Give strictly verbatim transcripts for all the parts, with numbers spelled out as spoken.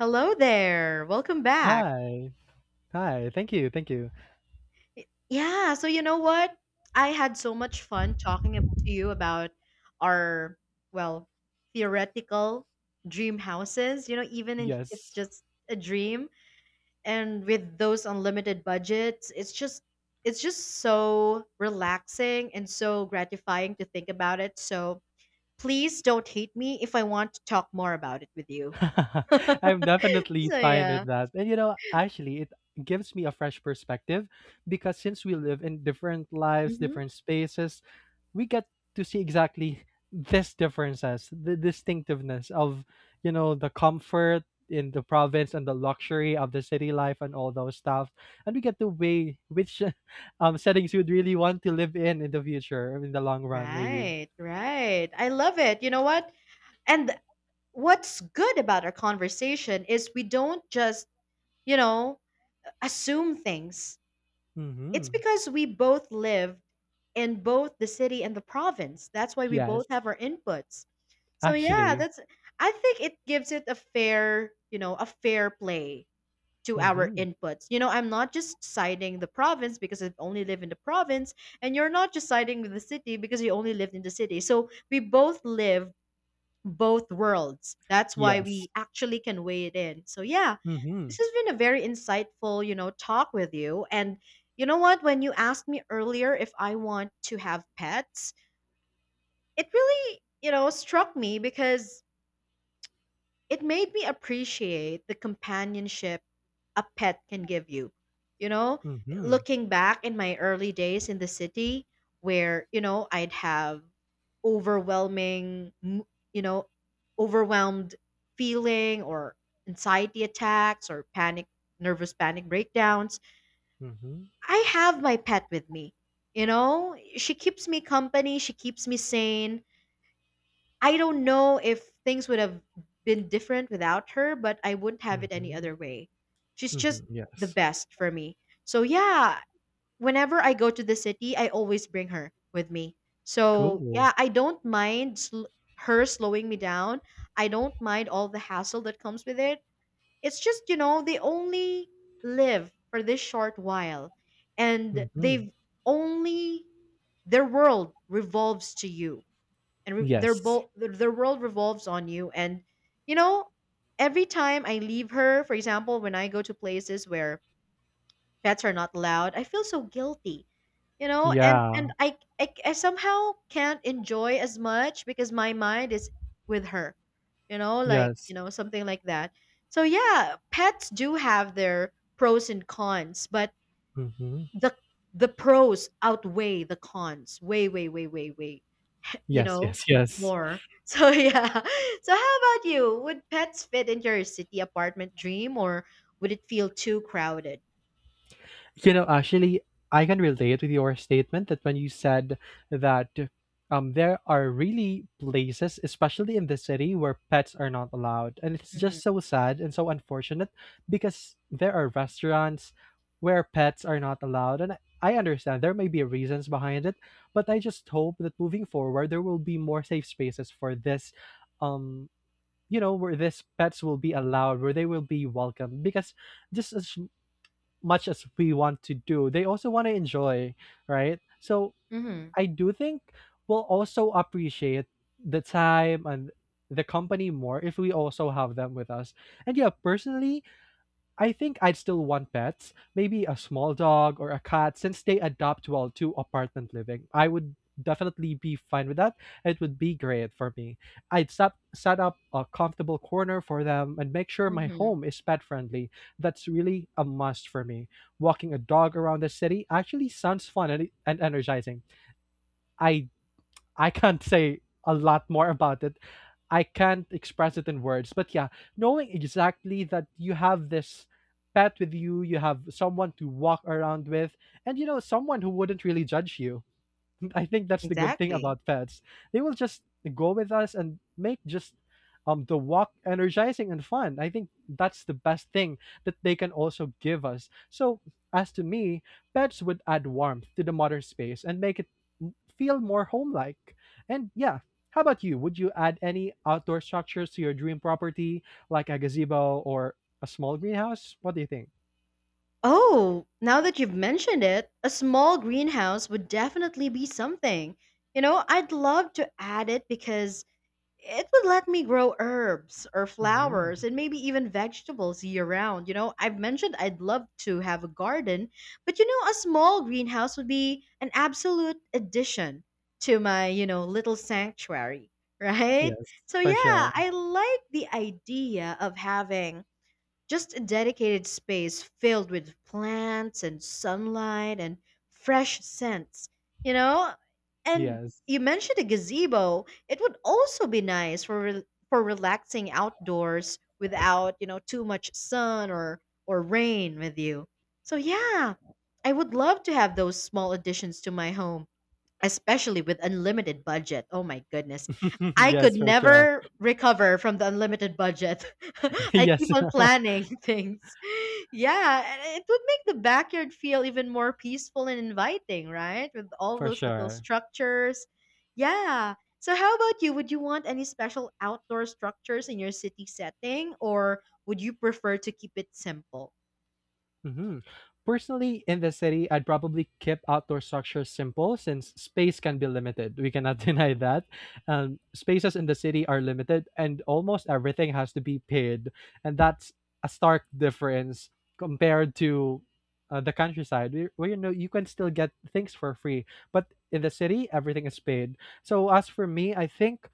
Hello there. Welcome back. Hi. Hi. Thank you. Thank you. Y- Yeah, so you know what? I had so much fun talking ab- to you about our, well, theoretical dream houses, you know, even in, if Yes. just a dream and with those unlimited budgets, it's just it's just so relaxing and so gratifying to think about it. So please don't hate me if I want to talk more about it with you. I'm definitely So fine yeah. with that. And you know, actually, it gives me a fresh perspective because since we live in different lives, Mm-hmm. different spaces, we get to see exactly this differences, the distinctiveness of, you know, the comfort in the province and the luxury of the city life and all those stuff. And we get to weigh which um settings you'd really want to live in in the future, in the long run, maybe. Right, right. I love it. You know what? And what's good about our conversation is we don't just, you know, assume things. It's Mm-hmm. because we both live in both the city and the province. That's why we both Yes, have our inputs. So yeah, actually. that's I think it gives it a fair, you know, a fair play to our Mhm. inputs. You know, I'm not just citing the province because I only live in the province, and you're not just citing the city because you only lived in the city. So we both live both worlds. That's why Yes. we actually can weigh it in. So yeah, this Mhm. has been a very insightful, you know, talk with you. And you know what? When you asked me earlier if I want to have pets, it really, you know, struck me because it made me appreciate the companionship a pet can give you. You know, Mhm. looking back in my early days in the city where, you know, I'd have overwhelming, m- you know, overwhelmed feeling or anxiety attacks or panic, nervous panic breakdowns. Mhm. I have my pet with me. You know, she keeps me company, she keeps me sane, I don't know if things would have been different without her, but I wouldn't have it any Mhm. other way. She's just Mhm. the Yes. best for me. So yeah, whenever I go to the city, I always bring her with me. So Cool. yeah, I don't mind sl- her slowing me down. I don't mind all the hassle that comes with it. It's just, you know, they only live for this short while and Mhm. they've only their world revolves to you and re- their Yes. both their their world revolves on you. And you know, every time I leave her, for example, when I go to places where pets are not allowed, I feel so guilty. you know and Yeah. and i i, I somehow can't enjoy as much because my mind is with her, you know like Yes. you know something like that. So yeah, pets do have their pros and cons, but Mhm. the the pros outweigh the cons way, way, way, way, way you Yes, know yes, yes. more. so yeah, so how about you? Would pets fit into your city apartment dream or would it feel too crowded? You know, actually, I can relate with your statement that when you said that um, there are really places, especially in the city, where pets are not allowed. And it's Mm-hmm. just so sad and so unfortunate because there are restaurants where pets are not allowed. And I understand there may be reasons behind it, but I just hope that moving forward, there will be more safe spaces for this. Um, you know where this pets will be allowed where they will be welcome because just as much as we want to do, they also want to enjoy, right? So Mm-hmm. I do think we'll also appreciate the time and the company more if we also have them with us. And yeah, personally, I think I'd still want pets, maybe a small dog or a cat since they adapt well to apartment living. I would definitely be fine with that. It would be great for me. I'd set, set up a comfortable corner for them and make sure my Mm-hmm. home is pet friendly. That's really a must for me. Walking a dog around the city actually sounds fun and, and energizing. I I can't say a lot more about it. I can't express it in words. But yeah, knowing exactly that you have this pet with you, you have someone to walk around with, and you know, someone who wouldn't really judge you. I think that's the good thing Exactly. about pets. They will just go with us and make just um the walk energizing and fun. I think that's the best thing that they can also give us. So as to me, pets would add warmth to the modern space and make it m- feel more home-like. And yeah, how about you? Would you add any outdoor structures to your dream property, like a gazebo or a small greenhouse? What do you think? Oh, now that you've mentioned it, a small greenhouse would definitely be something, you know, I'd love to add it because it would let me grow herbs or Hmm. flowers and maybe even vegetables year round. You know, I've mentioned I'd love to have a garden, but you know, a small greenhouse would be an absolute addition to my, you know, little sanctuary, right? Yes, So, for yeah, sure. I like the idea of having just a dedicated space filled with plants and sunlight and fresh scents, you know? And Yes. you mentioned a gazebo. It would also be nice for re- for relaxing outdoors without, you know, too much sun or or rain with you. So yeah, I would love to have those small additions to my home, especially with unlimited budget. Oh my goodness. I could Yes, for sure. never recover from the unlimited budget. I keep Yes, on planning things. Yeah, and it would make the backyard feel even more peaceful and inviting, right? With all for those little sure. structures. Yeah. So how about you? Would you want any special outdoor structures in your city setting or would you prefer to keep it simple? Hmm. Personally, in the city, I'd probably keep outdoor structures simple since space can be limited. We cannot deny that. Um, spaces in the city are limited, and almost everything has to be paid, and that's a stark difference compared to uh, the countryside, where, where you know you can still get things for free. But in the city, everything is paid. So as for me, I think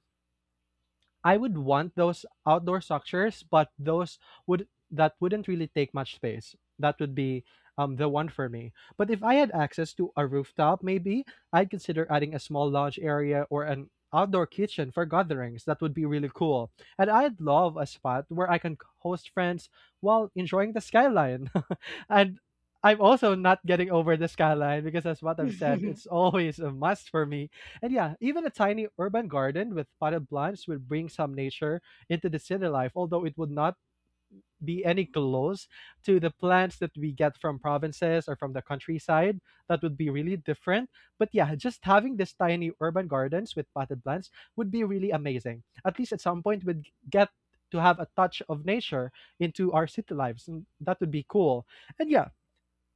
I would want those outdoor structures, but those would that wouldn't really take much space. That would be um, the one for me. But if I had access to a rooftop, maybe I'd consider adding a small lounge area or an outdoor kitchen for gatherings. That would be really cool. And I'd love a spot where I can host friends while enjoying the skyline. And I'm also not getting over the skyline because, as what I've said, it's always a must for me. And yeah, even a tiny urban garden with potted plants will bring some nature into the city life, although it would not be any close to the plants that we get from provinces or from the countryside. That would be really different. But yeah, just having this tiny urban gardens with potted plants would be really amazing. At least at some point we'd get to have a touch of nature into our city lives. And that would be cool. And yeah,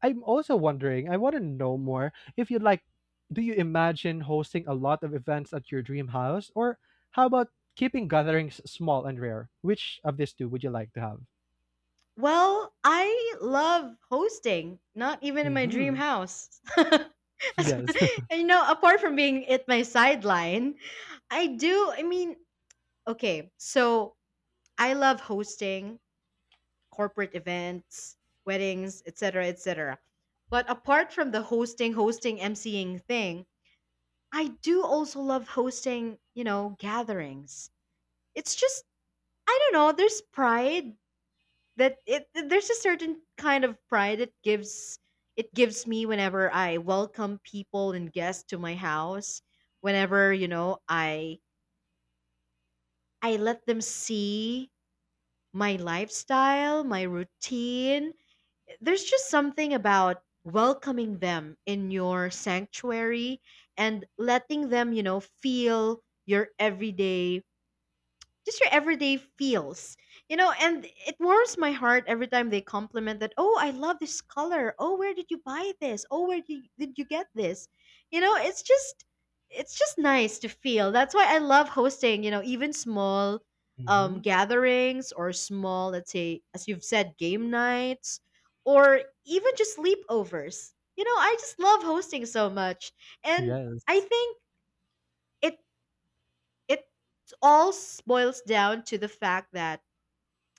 I'm also wondering, I want to know more if you'd like, do you imagine hosting a lot of events at your dream house? Or how about keeping gatherings small and rare? Which of these two would you like to have? Well, I love hosting, not even in my dream Hmm. house. Yes. And, you know, apart from being it my sideline, I do, I mean, okay, so I love hosting corporate events, weddings, et cetera, et cetera. But apart from the hosting, hosting, emceeing thing, I do also love hosting, you know, gatherings. It's just, I don't know, there's pride that it there's a certain kind of pride it gives it gives me whenever I welcome people and guests to my house. Whenever, you know, I I let them see my lifestyle, my routine, there's just something about welcoming them in your sanctuary and letting them, you know, feel your everyday just your everyday feels, you know. And it warms my heart every time they compliment that, oh, I love this color, oh, where did you buy this, oh, where did you, did you get this, you know. It's just it's just nice to feel. That's why I love hosting, you know, even small um Hmm. gatherings or small, let's say, as you've said, game nights or even just sleepovers. You know, I just love hosting so much. And I Yes. think it it all boils down to the fact that,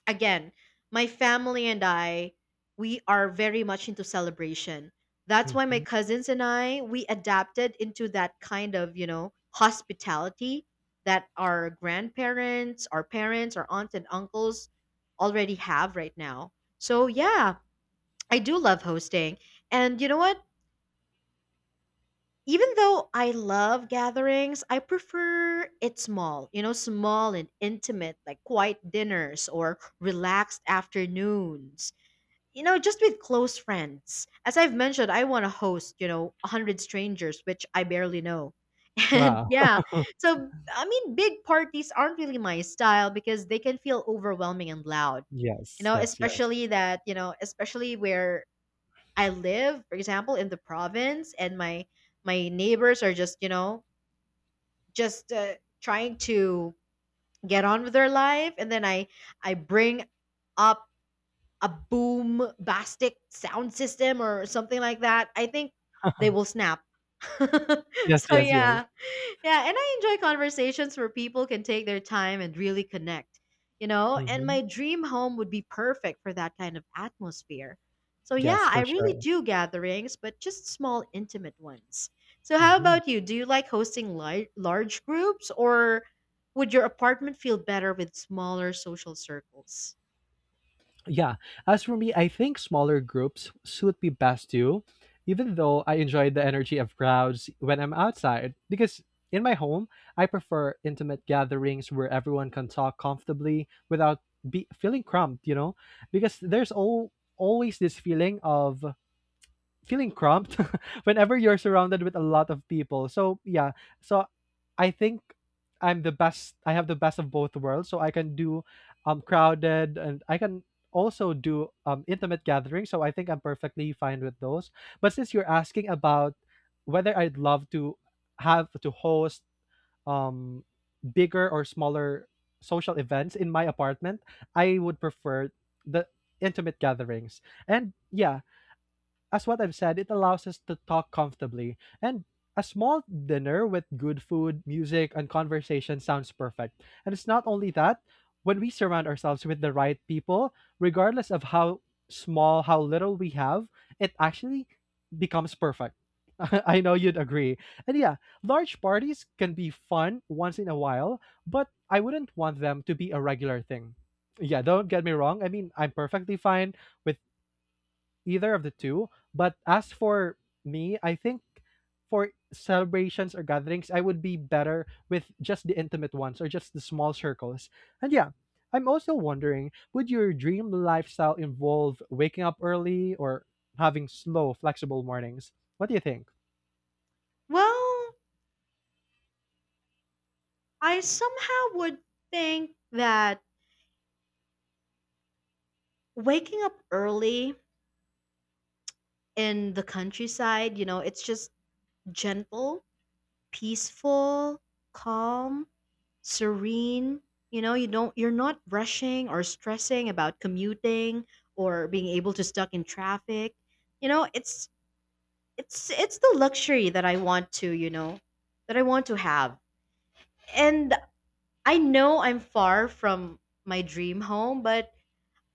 again, my family and I, we are very much into celebration. That's why my Hmm. cousins and I, we adapted into that kind of, you know, hospitality that our grandparents, our parents, our aunts and uncles already have right now. So, yeah, I do love hosting. And you know what? Even though I love gatherings, I prefer it small, you know, small and intimate, like quiet dinners or relaxed afternoons, you know, just with close friends. As I've mentioned, I want to host, you know, a hundred strangers, which I barely know. And Wow. yeah, so I mean, big parties aren't really my style because they can feel overwhelming and loud, you Yes, know, yes, yes. especially that, you know, especially where I live, for example, in the province, and my my neighbors are just, you know, just uh, trying to get on with their life, and then I I bring up a boom bastic sound system or something like that, I think they will snap. Yes, so yes, yes. yeah. Yeah, and I enjoy conversations where people can take their time and really connect, you know? And Hmm. my dream home would be perfect for that kind of atmosphere. So yeah, Yes, I for really sure. do gatherings, but just small intimate ones. So how Hmm. about you? Do you like hosting large large groups or would your apartment feel better with smaller social circles? Yeah. As for me, I think smaller groups suit me best too, even though I enjoy the energy of crowds when I'm outside. Because in my home, I prefer intimate gatherings where everyone can talk comfortably without be feeling cramped, you know? Because there's all always this feeling of feeling cramped whenever you're surrounded with a lot of people. So yeah, so I think I'm the best. I have the best of both worlds. So I can do um crowded, and I can also do um intimate gatherings. So I think I'm perfectly fine with those. But since you're asking about whether I'd love to have to host um bigger or smaller social events in my apartment, I would prefer the intimate gatherings. And yeah, as what I've said, it allows us to talk comfortably. And a small dinner with good food, music, and conversation sounds perfect. And it's not only that, when we surround ourselves with the right people, regardless of how small, how little we have, it actually becomes perfect. I know you'd agree. And yeah, large parties can be fun once in a while, but I wouldn't want them to be a regular thing. Yeah, don't get me wrong. I mean, I'm perfectly fine with either of the two. But as for me, I think for celebrations or gatherings, I would be better with just the intimate ones or just the small circles. And yeah, I'm also wondering would your dream lifestyle involve waking up early or having slow, flexible mornings? What do you think? Well, I somehow would think that waking up early in the countryside, you know, it's just gentle, peaceful, calm, serene. You know, you don't you're not rushing or stressing about commuting or being able to stuck in traffic. You know, it's it's it's the luxury that I want to, you know, that I want to have. And I know I'm far from my dream home, but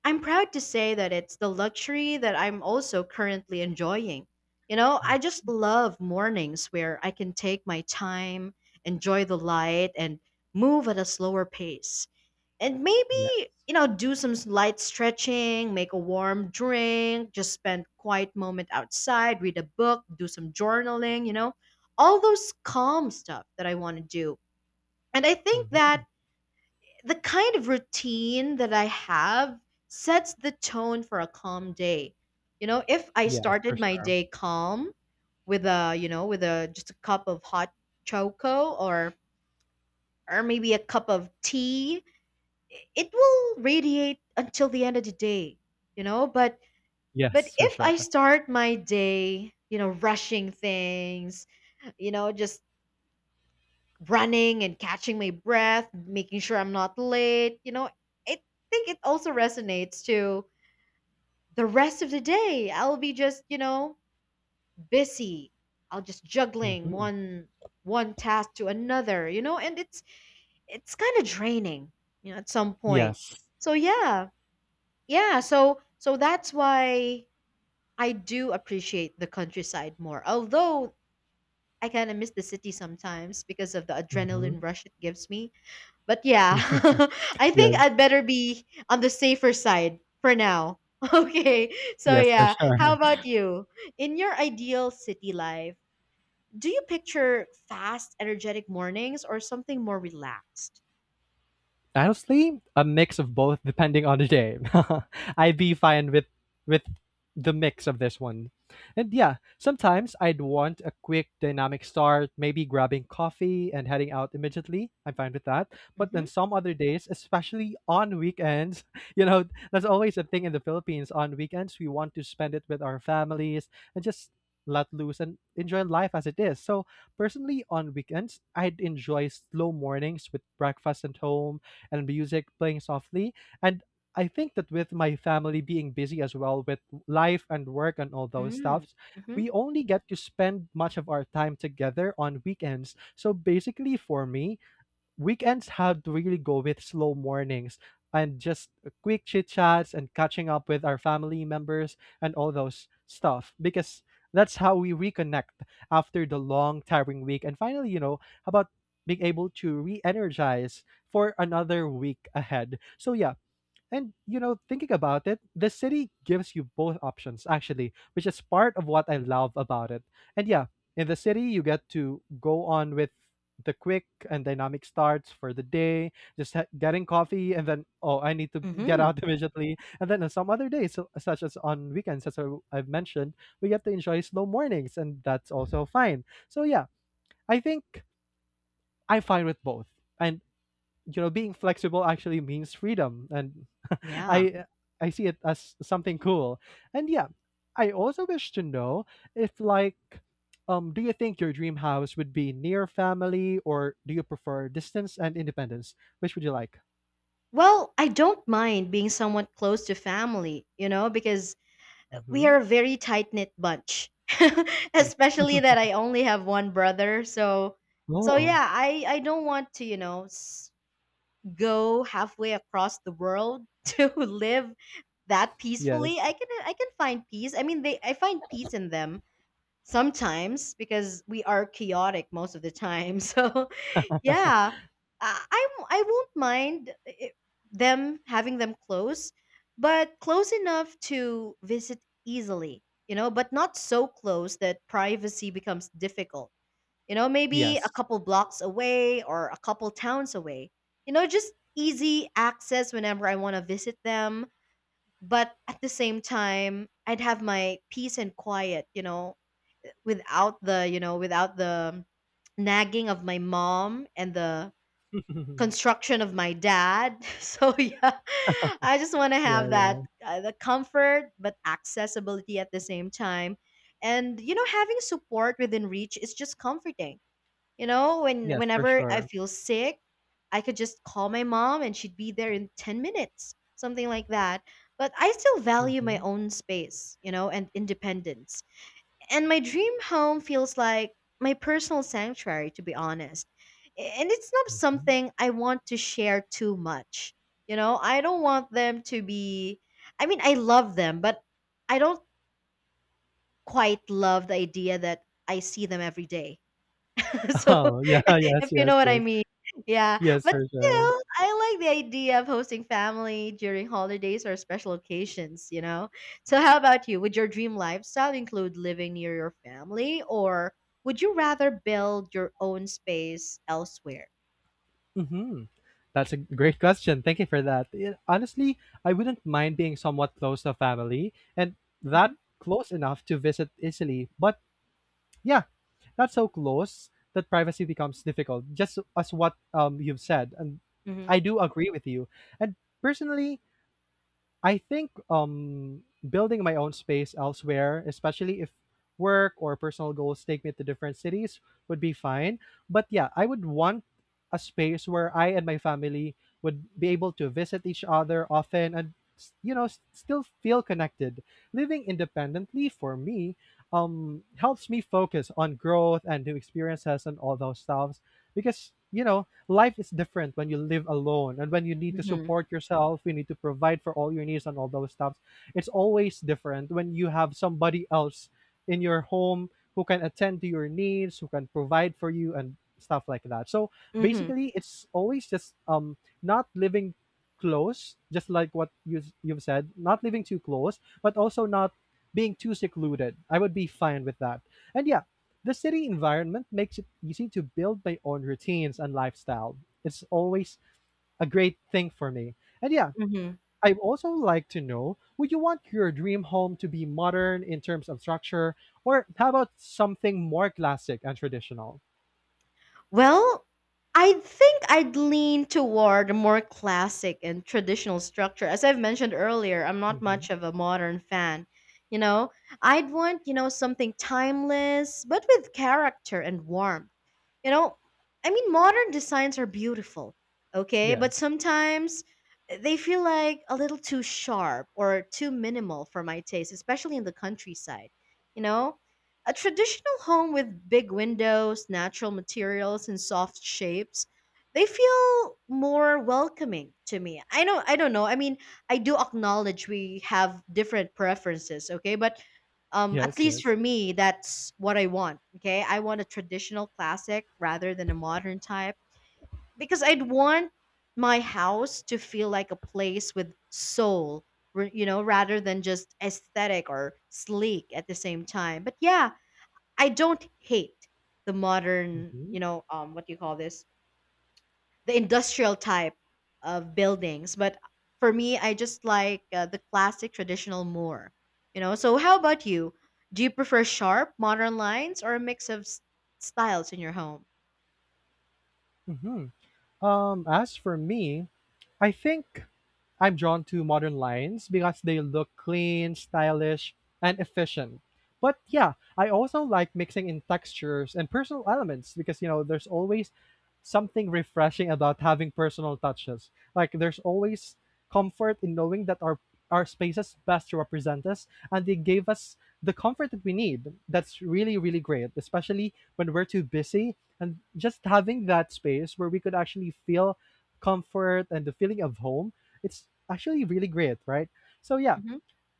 I'm proud to say that it's the luxury that I'm also currently enjoying. You know, I Mm. just love mornings where I can take my time, enjoy the light, and move at a slower pace. And Yes. maybe, you know, do some s- light stretching, make a warm drink, just spend quiet moment outside, read a book, do some journaling, you know, all those calm stuff that I want to do. And I think that Hmm. the kind of routine that I have sets the tone for a calm day. You know, if I Yes, for started my sure. day calm with a, you know, with a just a cup of hot choco or or maybe a cup of tea, i- it will radiate until the end of the day, you know, but but Yes, for if I sure. start my day, you know, rushing things, you know, just running and catching my breath, making sure I'm not late. You know, I think it also resonates to the rest of the day. I'll be just, you know, busy. I'll just juggling Hmm. one one task to another, you know, and it's it's kind of draining, you know, at some point. Yes. So yeah. Yeah, so so that's why I do appreciate the countryside more. Although I kind of miss the city sometimes because of the Hmm. adrenaline rush it gives me. But yeah, I think Yes. I'd better be on the safer side for now. Okay, so Yes, for yeah, how sure. about you? In your ideal city life, do you picture fast, energetic mornings or something more relaxed? Honestly, a mix of both depending on the day. I'd be fine with with the mix of this one. And yeah, sometimes I'd want a quick dynamic start, maybe grabbing coffee and heading out immediately. I'm fine with that. But then Mhm. some other days, especially on weekends, you know, that's always a thing in the Philippines. On weekends we want to spend it with our families and just let loose and enjoy life as it is. So personally, on weekends I'd enjoy slow mornings with breakfast at home and music playing softly. And I think that with my family being busy as well with life and work and all those Mm. stuffs, Mhm. we only get to spend much of our time together on weekends. So basically, for me, weekends have to really go with slow mornings and just quick chit chats and catching up with our family members and all those stuff because that's how we reconnect after the long tiring week and finally, you know, how about being able to re-energize for another week ahead? So yeah. And you know, thinking about it, the city gives you both options actually, which is part of what I love about it. And yeah, in the city you get to go on with the quick and dynamic starts for the day, just ha- getting coffee and then, oh, I need to get Mhm. out immediately. And then on some other days, so- such as on weekends, as I- I've mentioned, we get to enjoy slow mornings, and that's also fine. So yeah, I think I fight with both. And you know, being flexible actually means freedom. And Yeah. i i see it as something cool. And yeah, I also wish to know if like um do you think your dream house would be near family or do you prefer distance and independence? Which would you like? Well, I don't mind being somewhat close to family, you know, because we Hmm. are a very tight-knit bunch. Especially that I only have one brother, so so Oh, yeah, I I don't want to, you know, s- go halfway across the world to live that yes, peacefully. I can I can find peace. I mean, they I find peace in them sometimes because we are chaotic most of the time. So Yeah. I I w- I won't mind i- them having them close, but close enough to visit easily, you know, but not so close that privacy becomes difficult. You know, maybe a yes. couple blocks away or a couple towns away. You know, just easy access whenever I want to visit them, but at the same time, I'd have my peace and quiet, you know, without the, you know, without the nagging of my mom and the construction of my dad. So yeah, I just want to Yeah, have that yeah. uh, the comfort but accessibility at the same time. And you know, having support within reach is just comforting. You know, when Yes, for whenever I sure. feel sick, I could just call my mom and she'd be there in ten minutes, something like that. But I still value my Hmm. own space, you know, and independence. And my dream home feels like my personal sanctuary, to be honest. And it's not something I want to share too much. You know, I don't want them to be, I mean, I love them, but I don't quite love the idea that I see them every day. So, Oh, yeah. Yes, if you yes, know what I yes. mean. Yeah, Yes, but for sure. still, I like the idea of hosting family during holidays or special occasions, you know? So, how about you? Would your dream lifestyle include living near your family, or would you rather build your own space elsewhere? Hmm. That's a great question. Thank you for that. Yeah, honestly, I wouldn't mind being somewhat close to family and Mm-hmm. that close enough to visit easily. But yeah, not so close that privacy becomes difficult, just as what um, you've said. And Mm-hmm. I do agree with you. And personally, I think um building my own space elsewhere, especially if work or personal goals take me to different cities would be fine. But yeah, I would want a space where I and my family would be able to visit each other often and s- you know s- still feel connected. Living independently for me um helps me focus on growth and new experiences and all those stuffs, because you know life is different when you live alone, and when you need to support yourself you need to provide for all your needs and all those stuff. It's always different when you have somebody else in your home who can attend to your needs, who can provide for you and stuff like that. So Mm-hmm. basically it's always just um not living close, just like what you you've said, not living too close but also not being too secluded. I would be fine with that. And yeah, the city environment makes it easy to build my own routines and lifestyle. It's always a great thing for me. And yeah, Mm-hmm. I'd also like to know, would you want your dream home to be modern in terms of structure, or how about something more classic and traditional? Well, I think I'd lean toward a more classic and traditional structure. As I've mentioned earlier, I'm not Hmm. much of a modern fan. You know, I'd want, you know, something timeless, but with character and warmth. You know, I mean, modern designs are beautiful, okay? But Yes, sometimes eh, they feel like a little too sharp or too minimal for my taste, especially in the countryside. You know, a traditional home with big windows, natural materials, and soft shapes, they feel more welcoming to me. I know, I don't know. I mean, I do acknowledge we have different preferences, okay? But um, at yes, least for yes. me, that's what I want. Okay. I want a traditional classic rather than a modern type because I'd want my house to feel like a place with soul, r- you know, rather than just aesthetic or sleek at the same time. But yeah, I don't hate the modern, Hmm. you know, um, what do you call this? The industrial type of buildings. But for me, I just like uh, the classic traditional more. You know. So how about you? Do you prefer sharp modern lines or a mix of s- styles in your home? Hmm. Um, as for me, I think I'm drawn to modern lines because they look clean, stylish, and efficient. But yeah, I also like mixing in textures and personal elements, because you know there's always something refreshing about having personal touches. Like there's always comfort in knowing that our our spaces best represent us and they gave us the comfort that we need. That's really, really great, especially when we're too busy, and just having that space where we could actually feel comfort and the feeling of home, it's actually really great, right? So yeah, Mm-hmm.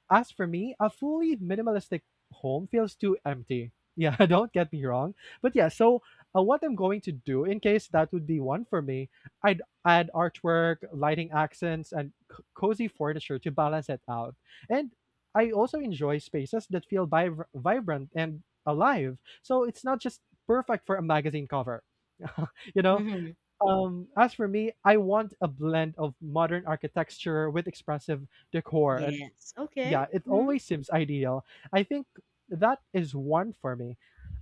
as for me, a fully minimalistic home feels too empty. Yeah, don't get me wrong. But yeah, so uh, What I'm going to do, in case that would be one for me, I'd add artwork, lighting accents, and c- cozy furniture to balance it out. And I also enjoy spaces that feel vib- vibrant and alive, so it's not just perfect for a magazine cover. you know, Mm-hmm. um, as for me, I want a blend of modern architecture with expressive decor, and Yes. Okay. yeah, it Mm-hmm. always seems ideal. I think that is one for me.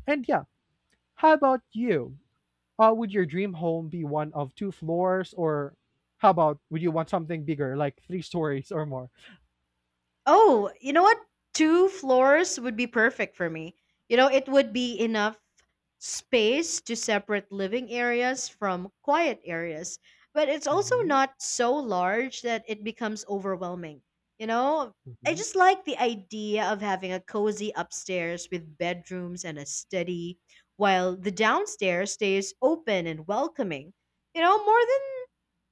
And yeah, how about you? Uh, would your dream home be one of two floors, or how about would you want something bigger, like three stories or more? Oh, you know what? Two floors would be perfect for me. You know, it would be enough space to separate living areas from quiet areas, but it's also Mm-hmm, not so large that it becomes overwhelming. You know, I mm-hmm, just like the idea of having a cozy upstairs with bedrooms and a study, while the downstairs stays open and welcoming. You know, more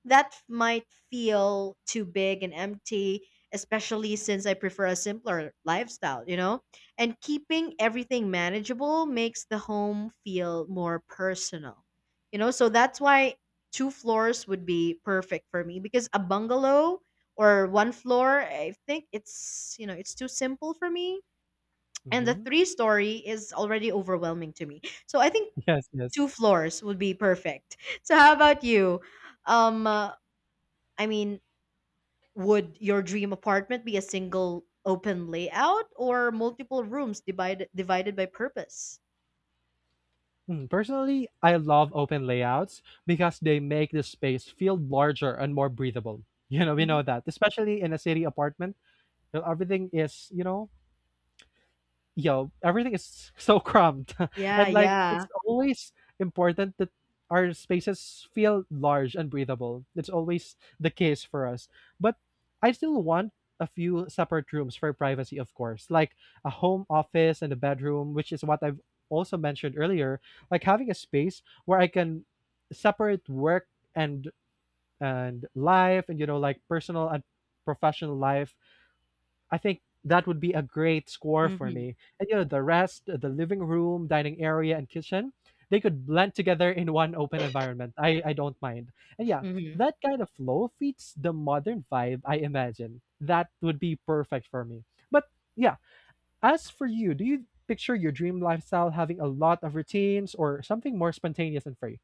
that might feel too big and empty, especially since I prefer a simpler lifestyle, you know? And keeping everything manageable makes the home feel more personal, you know? So that's why two floors would be perfect for me because a bungalow or one floor, I think it's, you know, it's too simple for me. And the mm-hmm. three story is already overwhelming to me. So I think Yes, yes. two floors would be perfect. So how about you? Um, uh, I mean, would your dream apartment be a single open layout or multiple rooms divided divided by purpose? Mm. Personally, I love open layouts because they make the space feel larger and more breathable. You know, we Hmm. know that, especially in a city apartment, where everything is, you know, yo, everything is so cramped. Yeah, And like it's yeah. always important that our spaces feel large and breathable. It's always the case for us. But I still want a few separate rooms for privacy, of course, like a home office and a bedroom, which is what I've also mentioned earlier. Like having a space where I can separate work and and life, and you know, like personal and professional life, I think that would be a great score for Hmm. me. And you know, the rest, uh, the living room, dining area, and kitchen, they could blend together in one open environment. I, I don't mind. And yeah, Hmm. that kind of flow fits the modern vibe, I imagine. That would be perfect for me. But yeah, as for you, do you picture your dream lifestyle having a lot of routines or something more spontaneous and free?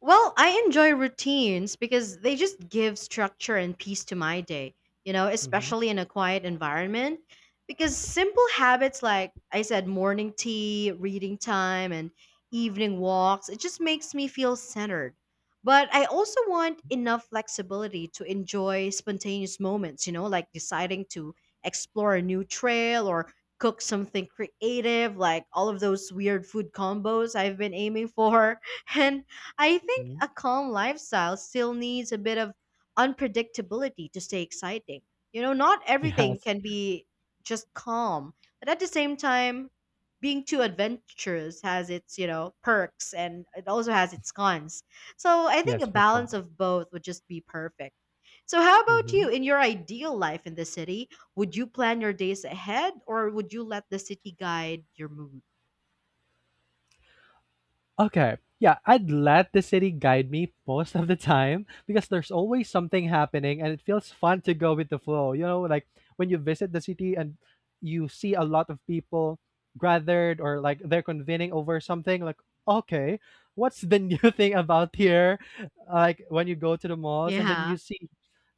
Well, I enjoy routines because they just give structure and peace to my day, you know, Mm-hmm. especially in a quiet environment. Because simple habits like I said, morning tea, reading time, and evening walks, it just makes me feel centered. But I also want enough flexibility to enjoy spontaneous moments, you know, like deciding to explore a new trail or cook something creative, like all of those weird food combos I've been aiming for. And I think Mhm. a calm lifestyle still needs a bit of unpredictability to stay exciting. You know, not everything Yes. can be just calm, but at the same time, being too adventurous has its, you know, perks and it also has its cons. So I think a Yes, for sure. balance of both would just be perfect. So how about you Mhm. in your ideal life in the city? Would you plan your days ahead or would you let the city guide your mood? Okay. Yeah, I'd let the city guide me most of the time, because there's always something happening and it feels fun to go with the flow. You know, like when you visit the city and you see a lot of people gathered, or like they're convening over something, like, okay, what's the new thing about here? Like when you go to the malls and then you Yeah. see,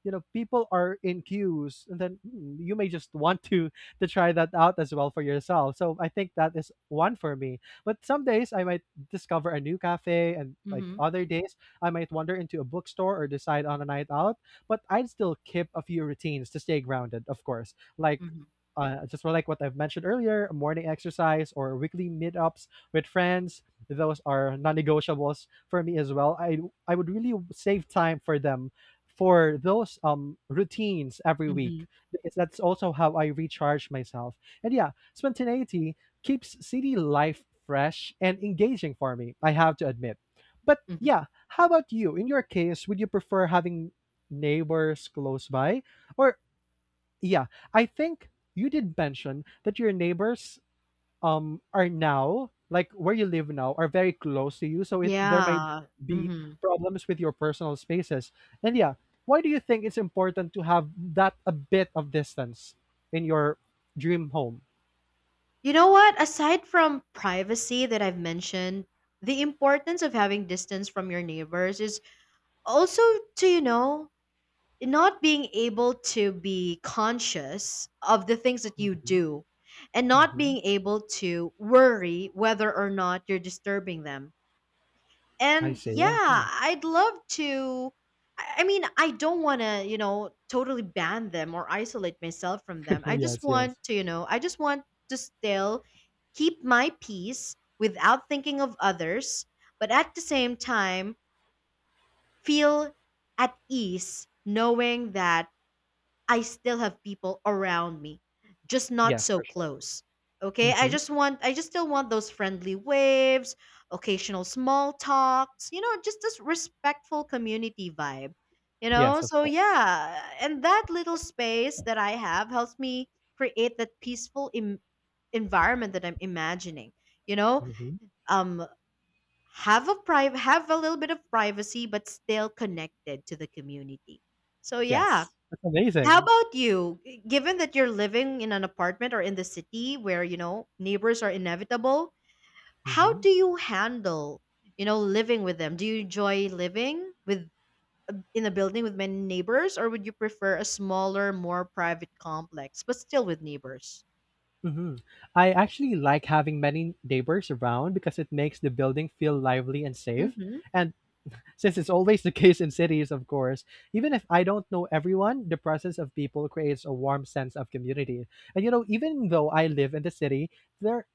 you know, people are in queues and then hmm, you may just want to to try that out as well for yourself. So I think that is one for me. But some days I might discover a new cafe, and like Mhm. other days I might wander into a bookstore or decide on a night out, but I'd still keep a few routines to stay grounded, of course. Like Mhm. uh, just like what I've mentioned earlier, morning exercise or weekly meetups with friends, those are non-negotiables for me as well. I I would really save time for them, for those um routines every week, Mhm. because that's also how I recharge myself. And yeah, spontaneity keeps city life fresh and engaging for me, I have to admit. But Mhm. yeah, how about you? In your case, would you prefer having neighbors close by? Or yeah, I think you did mention that your neighbors um are now, like where you live now, are very close to you, so it there might Yeah. be Mhm. problems with your personal spaces. And yeah, why do you think it's important to have that a bit of distance in your dream home? You know what? Aside from privacy that I've mentioned, the importance of having distance from your neighbors is also to, you know, not being able to be conscious of the things that you Hmm. do and not being able to worry whether or not you're disturbing them. I And see, yeah, I see. I'd love to. I I mean, I don't want to, you know, totally ban them or isolate myself from them. I just Yes, yes. want to, you know, I just want to still keep my peace without thinking of others, but at the same time, feel at ease knowing that I still have people around me, just not Yes, so for sure. close. Okay, I Mhm. just want, I just still want those friendly waves, occasional small talks, you know, just this respectful community vibe, you know? Yes, of So, course. yeah, and that little space that I have helps me create that peaceful Im- environment that I'm imagining, you know? Mhm. Um, have a private have a little bit of privacy but still connected to the community so yeah Yes. That's how amazing. about you? G- Given that you're living in an apartment or in the city where, you know, neighbors are inevitable, how do Mhm. you handle, you know, living with them? Do you enjoy living with in a building with many neighbors or would you prefer a smaller, more private complex but still with neighbors? Mhm. I actually like having many neighbors around because it makes the building feel lively and safe. Mhm. And since it's always the case in cities, of course. Even if I don't know everyone, the presence of people creates a warm sense of community. And you know, even though I live in the city, there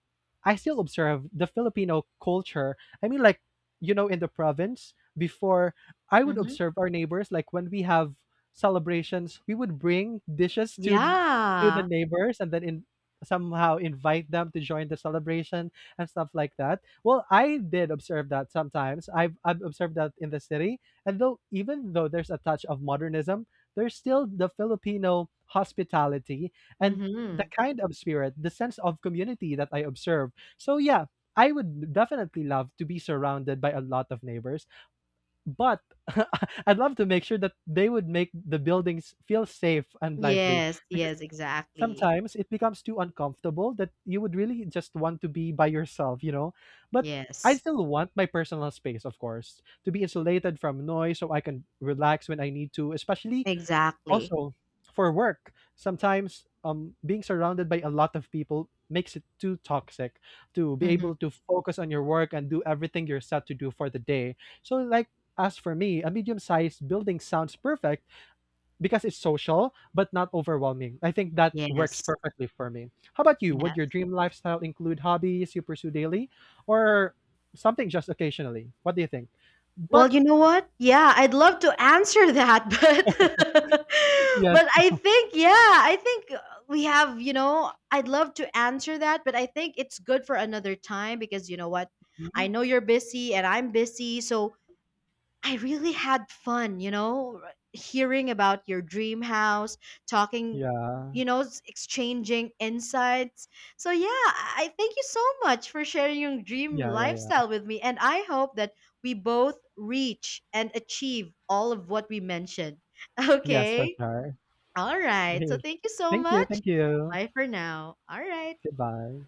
I still observe the Filipino culture. I mean like, you know, in the province, before, I would Mhm. observe our neighbors, like when we have celebrations, we would bring dishes to to the Yeah. neighbors and then in somehow invite them to join the celebration and stuff like that. Well, I did observe that sometimes. I've I've observed that in the city, and though even though there's a touch of modernism, there's still the Filipino hospitality and the Mhm. kind of spirit, the sense of community that I observe. So yeah, I would definitely love to be surrounded by a lot of neighbors, but I'd love to make sure that they would make the buildings feel safe and lively, Yes, because yes, exactly. sometimes it becomes too uncomfortable that you would really just want to be by yourself, you know? But I Yes. still want my personal space, of course, to be insulated from noise so I can relax when I need to, especially Exactly. also for work. Sometimes um, being surrounded by a lot of people makes it too toxic to be Mhm. able to focus on your work and do everything you're set to do for the day. So, like, as for me, a medium sized building sounds perfect because it's social but not overwhelming. I think that works Yes. perfectly for me. How about you? Yeah. Would your dream lifestyle include hobbies you pursue daily, or something just occasionally? What do you think? But Well, you know what? Yeah, I'd love to answer that, but yes. but I think yeah, I think uh, we have, you know, I'd love to answer that, but I think it's good for another time because you know what? I Mhm. know you're busy and I'm busy, so I really had fun, you know, r- hearing about your dream house, talking, Yeah. you know, s- exchanging insights. So, yeah, I I thank you so much for sharing your dream Yeah, yeah, yeah. lifestyle with me. And I hope that we both reach and achieve all of what we mentioned. Yes, for Okay. sure. All right. So, thank you so Thank you. much. Thank you. Bye for now. All right. Goodbye.